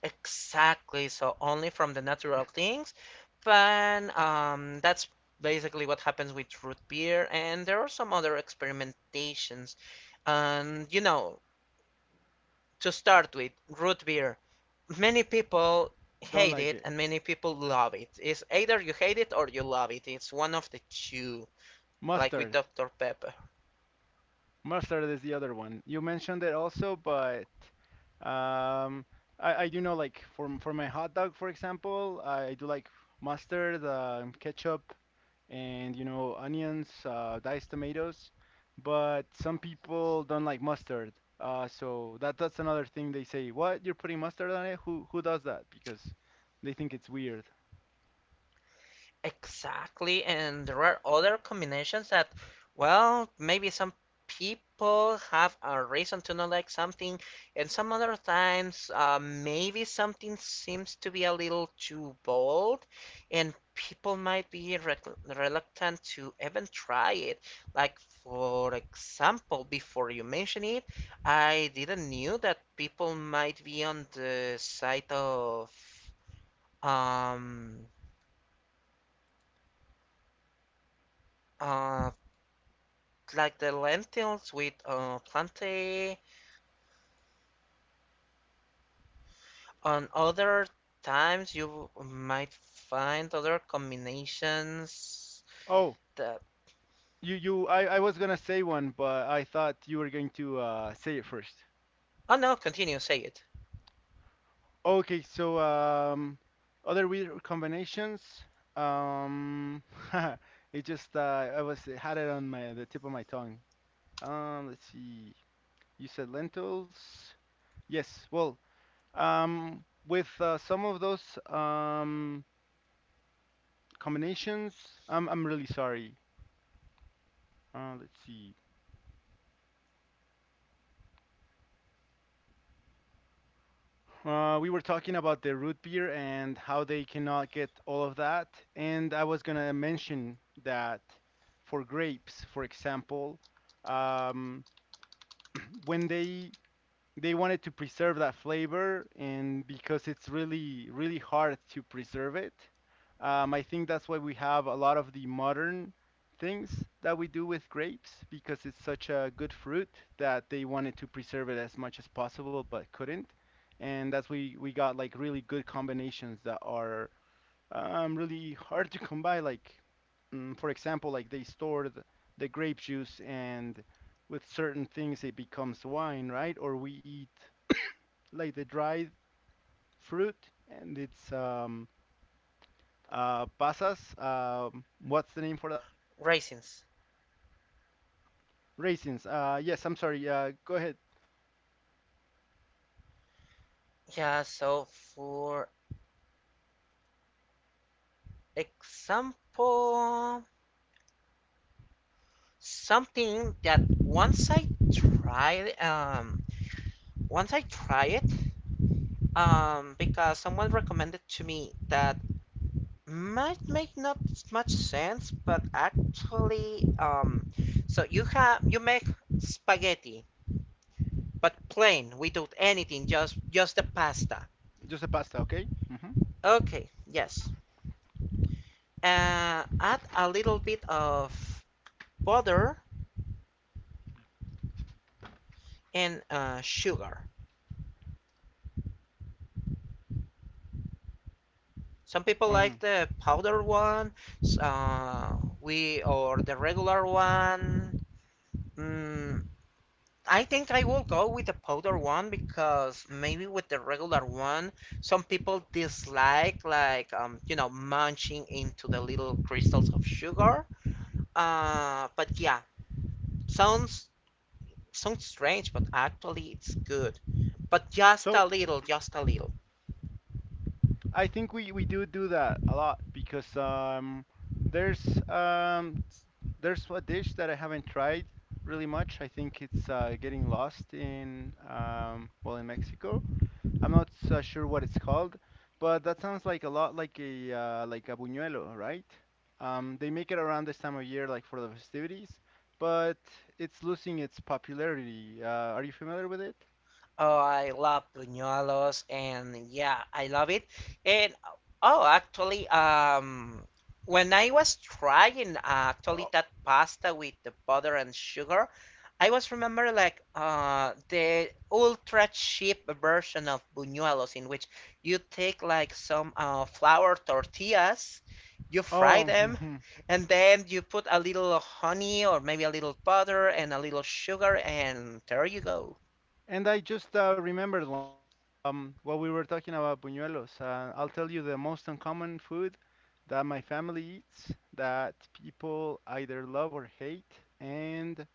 Speaker 2: exactly. So only from the natural things, but that's basically what happens with root beer, and there are some other experimentations. And you know, To start with, root beer. Many people
Speaker 1: Don't
Speaker 2: hate
Speaker 1: like
Speaker 2: it
Speaker 1: it.
Speaker 2: and many people love it. It's either you hate it or you love it. It's one of the two, like with
Speaker 1: Mustard.
Speaker 2: Dr. Pepper.
Speaker 1: Mustard is the other one. You mentioned it also, but um, I do know like for for my hot dog, for example, I do like mustard, ketchup, and you know onions, diced tomatoes. But some people don't like mustard. So that that's another thing they say. What? You're putting mustard on it? Who does that? Because they think it's weird.
Speaker 2: Exactly, and there are other combinations that, well, maybe some people have a reason to not like something, and some other times, maybe something seems to be a little too bold, and people might be rec reluctant to even try it. Like, for example, before you mention it, I didn't knew that people might be on the side of, um, uh, like the lentils with plantain. On other times, you might find other combinations
Speaker 1: Oh,
Speaker 2: that.
Speaker 1: you I was gonna say one, but I thought you were going to say it first.
Speaker 2: Oh no, continue, say it.
Speaker 1: Okay, so other weird combinations. Um, it just I was had it on my the tip of my tongue. Let's see. You said lentils. Yes. Well, with some of those um combinations, I'm really sorry. Let's see. We were talking about the root beer and how they cannot get all of that. And I was gonna mention that for grapes, for example, um, when they wanted to preserve that flavor, and because it's really, really hard to preserve it, I think that's why we have a lot of the modern things that we do with grapes, because it's such a good fruit that they wanted to preserve it as much as possible but couldn't. And that's why we got like really good combinations that are really hard to come by. Like, mm, for example, like they store the grape juice, and with certain things it becomes wine, right? Or we eat like the dried fruit, and it's um, pasas. What's the name for that?
Speaker 2: Raisins.
Speaker 1: Raisins. Yes, I'm sorry. Go ahead.
Speaker 2: Yeah, so for example, something that tried, um, once I tried it, because someone recommended to me that might make not much sense, but actually, so you make spaghetti, but plain without anything, just the pasta.
Speaker 1: Just a pasta, okay?
Speaker 2: Okay, yes. Add a little bit of butter and sugar. Some people like
Speaker 1: Um,
Speaker 2: the powder one, uh, we or the regular one. Mm, I think I will go with the powder one because maybe with the regular one, some people dislike munching into the little crystals of sugar. But yeah, sounds sounds strange, but actually it's good. But just
Speaker 1: so
Speaker 2: a little, just a little.
Speaker 1: I think we do do that a lot because there's um, s- there's a dish that I haven't tried really much. I think it's getting lost in well, in Mexico. I'm not so sure what it's called, but that sounds like a lot like a buñuelo, right? They make it around this time of year, like for the festivities, but it's losing its popularity. Are you familiar with it?
Speaker 2: Oh, I love buñuelos, and yeah, I love it. And oh, actually, when I was trying actually
Speaker 1: Oh,
Speaker 2: that pasta with the butter and sugar, I was remember like the ultra cheap version of buñuelos in which you take like some flour tortillas, you fry
Speaker 1: oh,
Speaker 2: them, and then you put a little honey or maybe a little butter and a little sugar, and there you go.
Speaker 1: and I just remembered. Well, we were talking about buñuelos. I'll tell you the most uncommon food that my family eats, that people either love or hate, and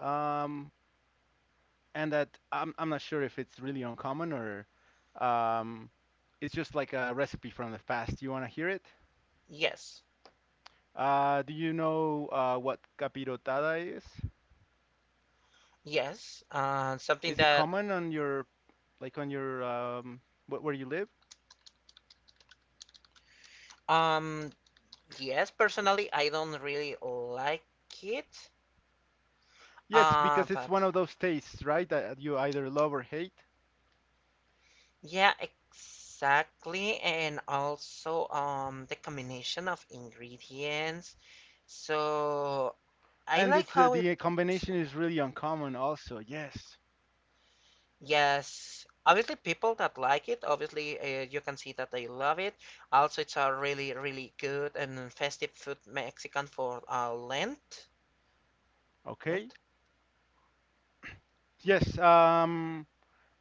Speaker 1: um, and that I'm not sure if it's really uncommon or um, it's just like a recipe from the past. You want to hear it?
Speaker 2: Yes.
Speaker 1: Do you know what capirotada is?
Speaker 2: Yes, something
Speaker 1: Is it
Speaker 2: that,
Speaker 1: common on your like on your where you live?
Speaker 2: um, yes, personally, I don't really like it.
Speaker 1: Yes, because it's
Speaker 2: But
Speaker 1: one of those tastes, right? That you either love or hate.
Speaker 2: yeah, exactly. And also, the combination of ingredients. So I
Speaker 1: And
Speaker 2: like
Speaker 1: it's
Speaker 2: how it
Speaker 1: the combination
Speaker 2: smells.
Speaker 1: is really uncommon also. Yes.
Speaker 2: Yes, obviously, people that like it, obviously, you can see that they love it. Also, it's a really, really good and festive food Mexican for Lent.
Speaker 1: Okay.
Speaker 2: Lent?
Speaker 1: Yes.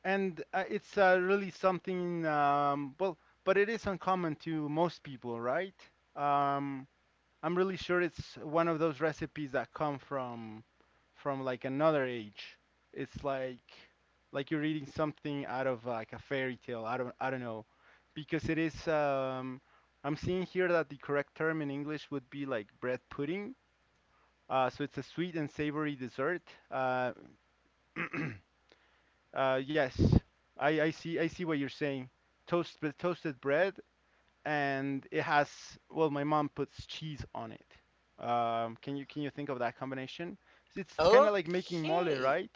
Speaker 1: And it's really something well, but it is uncommon to most people, right? Um I'm really sure it's one of those recipes that come from like another age. It's like you're reading something out of like a fairy tale. I don't know because it is I'm seeing here that the correct term in English would be like bread pudding. So it's a sweet and savory dessert. Uh, yes, I see. I see what you're saying. Toast, but toasted bread, and it has. Well, my mom puts cheese on it. Can you think of that combination? It's kind of like making mole,
Speaker 2: Okay.
Speaker 1: right?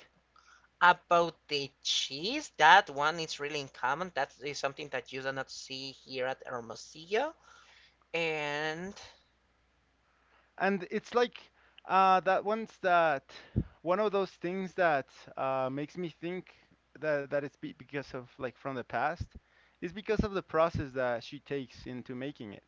Speaker 2: About the cheese, that one is really uncommon. That is something that you do not see here at Hermosillo. And
Speaker 1: And it's like that one's that one of those things that makes me think that that it's be because of like from the past is because of the process that she takes into making it.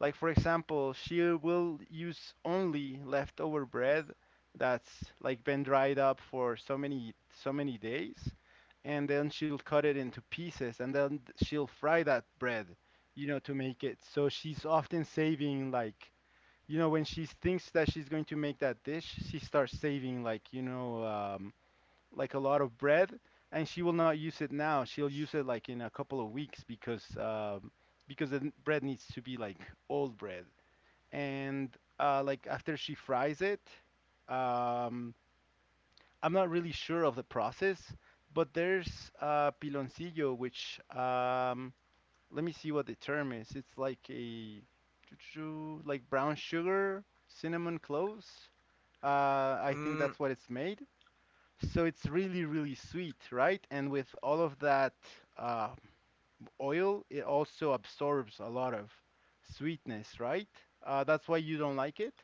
Speaker 1: Like, for example, she will use only leftover bread that's like been dried up for so many so many days, and then she'll cut it into pieces and then she'll fry that bread, you know, to make it. So she's often saving like, you know, when she thinks that she's going to make that dish, she starts saving like, you know, like a lot of bread, and she will not use it now. She'll use it like in a couple of weeks because bread needs to be like old bread. And like after she fries it, um, I'm not really sure of the process, but there's piloncillo, which let me see what the term is. It's like a like brown sugar, cinnamon cloves. I think
Speaker 2: mm
Speaker 1: that's what it's made. So it's really, really sweet, right? And with all of that uh, oil, it also absorbs a lot of sweetness, right? That's why you don't like it?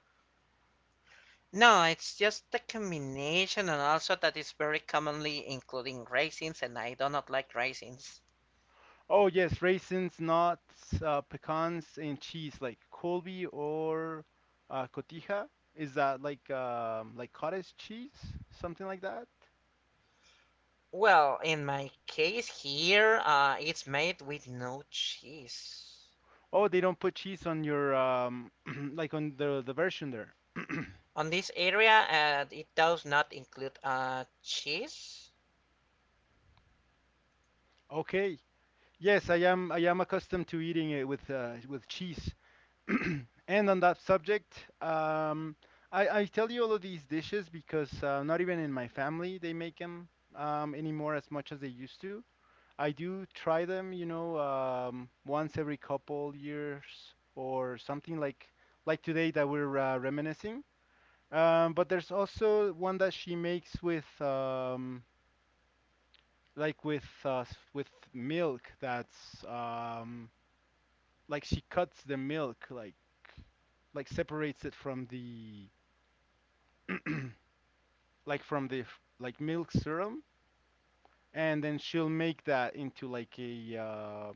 Speaker 2: No, it's just the combination, and also that is very commonly including raisins, and I do not like raisins.
Speaker 1: Oh, yes, raisins, nuts, pecans, and cheese, like Colby or cotija. Is that like cottage cheese, something like that?
Speaker 2: Well, in my case here, it's made with no cheese.
Speaker 1: Oh, they don't put cheese on your like on the version there.
Speaker 2: On this area, it does not include cheese.
Speaker 1: Okay. Yes, I am. I am accustomed to eating it with cheese. And on that subject, I tell you all of these dishes because not even in my family they make them anymore as much as they used to. I do try them, you know, once every couple years or something like today that we're reminiscing. But there's also one that she makes with like with with milk that's like she cuts the milk like separates it from the like from like milk serum, and then she'll make that into like a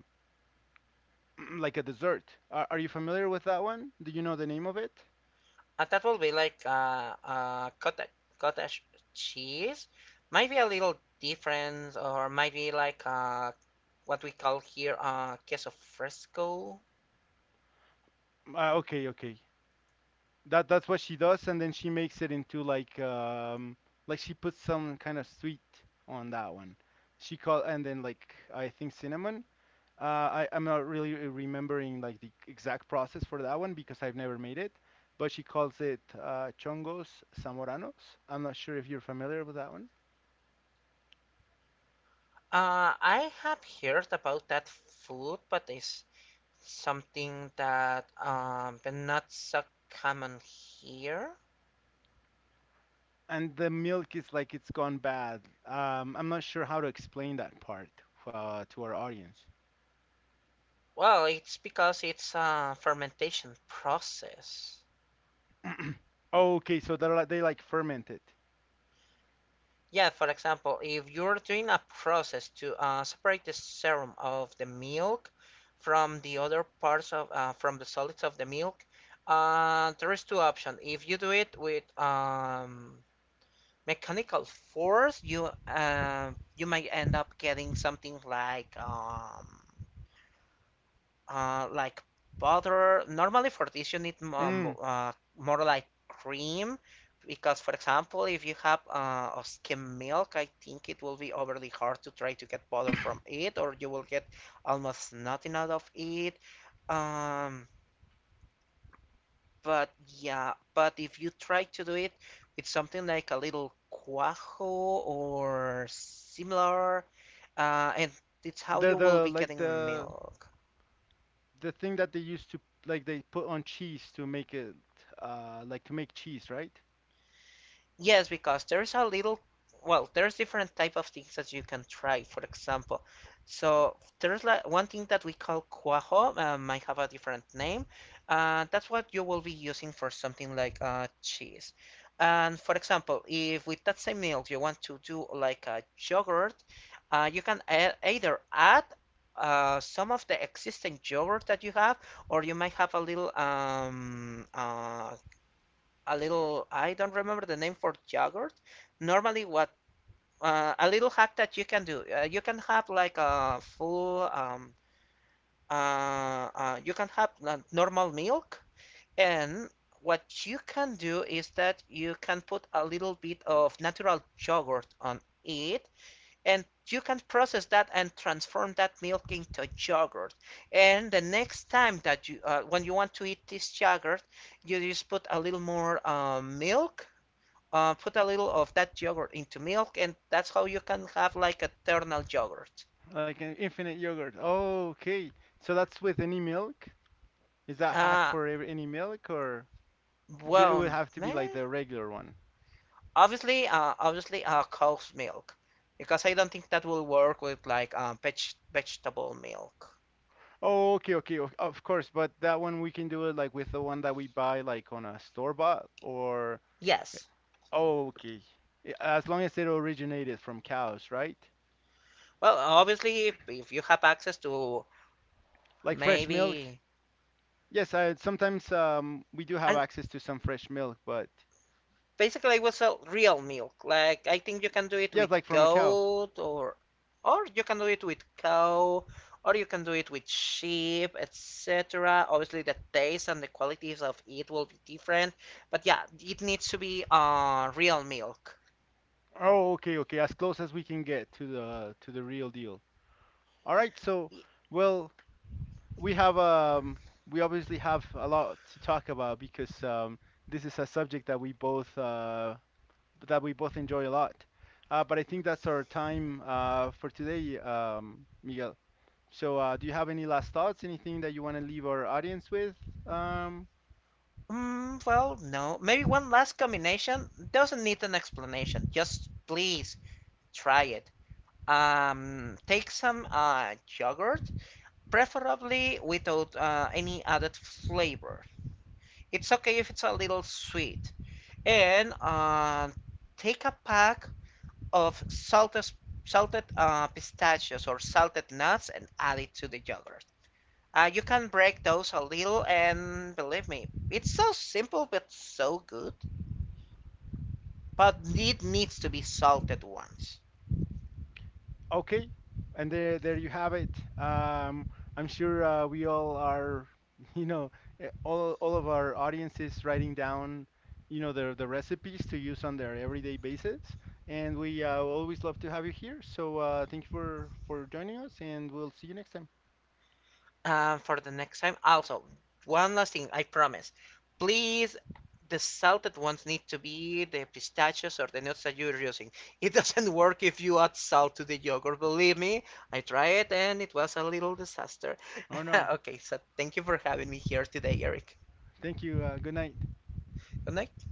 Speaker 1: like a dessert. Are you familiar with that one? Do you know the name of it?
Speaker 2: And that will be like cottage cheese. Might be a little different, or might be like what we call here queso fresco.
Speaker 1: Okay, okay. That that's what she does, and then she makes it into like she puts some kind of sweet on that one. She call and then like I think cinnamon. Uh, I'm not really remembering like the exact process for that one because I've never made it, but she calls it chongos zamoranos. I'm not sure if you're familiar with that one.
Speaker 2: I have heard about that food, but it's something that but not so common here.
Speaker 1: And the milk is like it's gone bad. I'm not sure how to explain that part to our audience.
Speaker 2: Well, it's because it's a fermentation process.
Speaker 1: Okay, so they're like, they like ferment it.
Speaker 2: Yeah, for example, if you're doing a process to separate the serum of the milk from the other parts of from the solids of the milk, there is two options. If you do it with mechanical force, you might end up getting something like butter. Normally for this you need
Speaker 1: Mm.
Speaker 2: more like cream, because for example if you have a skim milk, I think it will be overly hard to try to get butter from it, or you will get almost nothing out of it. Um, but yeah, but if you try to do it with something like a little cuajo or similar, and it's how you will
Speaker 1: The
Speaker 2: be
Speaker 1: like
Speaker 2: getting milk.
Speaker 1: the thing that they used to like they put on cheese to make it like to make cheese, right?
Speaker 2: Yes, because there's a little, well, there's different type of things that you can try. For example, so there's like one thing that we call cuajo, might have a different name. That's what you will be using for something like cheese. And for example, if with that same milk you want to do like a yogurt, you can a either add some of the existing yogurt that you have, or you might have a little a little, I don't remember the name for yogurt. Normally, what a little hack that you can do, you can have like a full uh, you can have normal milk, and what you can do is that you can put a little bit of natural yogurt on it, and you can process that and transform that milk into yogurt. And the next time that you when you want to eat this yogurt, you just put a little more milk put a little of that yogurt into milk, and that's how you can have like a thermal yogurt.
Speaker 1: Like an infinite yogurt. Oh, okay. So that's with any milk? Is that hack
Speaker 2: Uh,
Speaker 1: for any milk or it would
Speaker 2: well,
Speaker 1: have to be like
Speaker 2: meh.
Speaker 1: the regular one?
Speaker 2: Obviously, cow's milk, because I don't think that will work with like vegetable milk.
Speaker 1: Oh, okay, okay, of course, but that one we can do it like with the one that we buy like on a store bought or
Speaker 2: Yes.
Speaker 1: oh, okay. I- as long as it originated from cows, right?
Speaker 2: Well, obviously, if you have access to
Speaker 1: Like fresh milk.
Speaker 2: maybe,
Speaker 1: Yes, I sometimes we do have
Speaker 2: and
Speaker 1: access to some fresh milk, but
Speaker 2: basically, it was a real milk. Like I think you can do it
Speaker 1: yes,
Speaker 2: with
Speaker 1: like from a cow.
Speaker 2: goat, or you can do it with cow, or you can do it with sheep, etc. Obviously, the taste and the qualities of it will be different, but yeah, it needs to be real milk.
Speaker 1: Oh, okay, okay, as close as we can get to the real deal. All right, so well, we have we obviously have a lot to talk about because this is a subject that we both enjoy a lot. But I think that's our time for today, Miguel. So do you have any last thoughts, anything that you want to leave our audience with? Um
Speaker 2: Mm, well, no. Maybe one last combination doesn't need an explanation. Just please try it. Take some yogurt, preferably without any added flavor. It's okay if it's a little sweet. And take a pack of salted pistachios or salted nuts and add it to the yogurt. You can break those a little, and believe me, it's so simple but so good. But it needs to be salted once.
Speaker 1: Okay, and there you have it. Um, I'm sure we all are, you know, all of our audiences writing down, you know, the recipes to use on their everyday basis. And we always love to have you here. So thank you for joining us, and we'll see you next time.
Speaker 2: Uh, for the next time. Also, one last thing, I promise. Please, the salted ones need to be the pistachios or the nuts that you're using. It doesn't work if you add salt to the yogurt, believe me. I tried it and it was a little disaster.
Speaker 1: Oh no,
Speaker 2: Okay, so thank you for having me here today, Eric.
Speaker 1: thank you. Good night.
Speaker 2: Good night.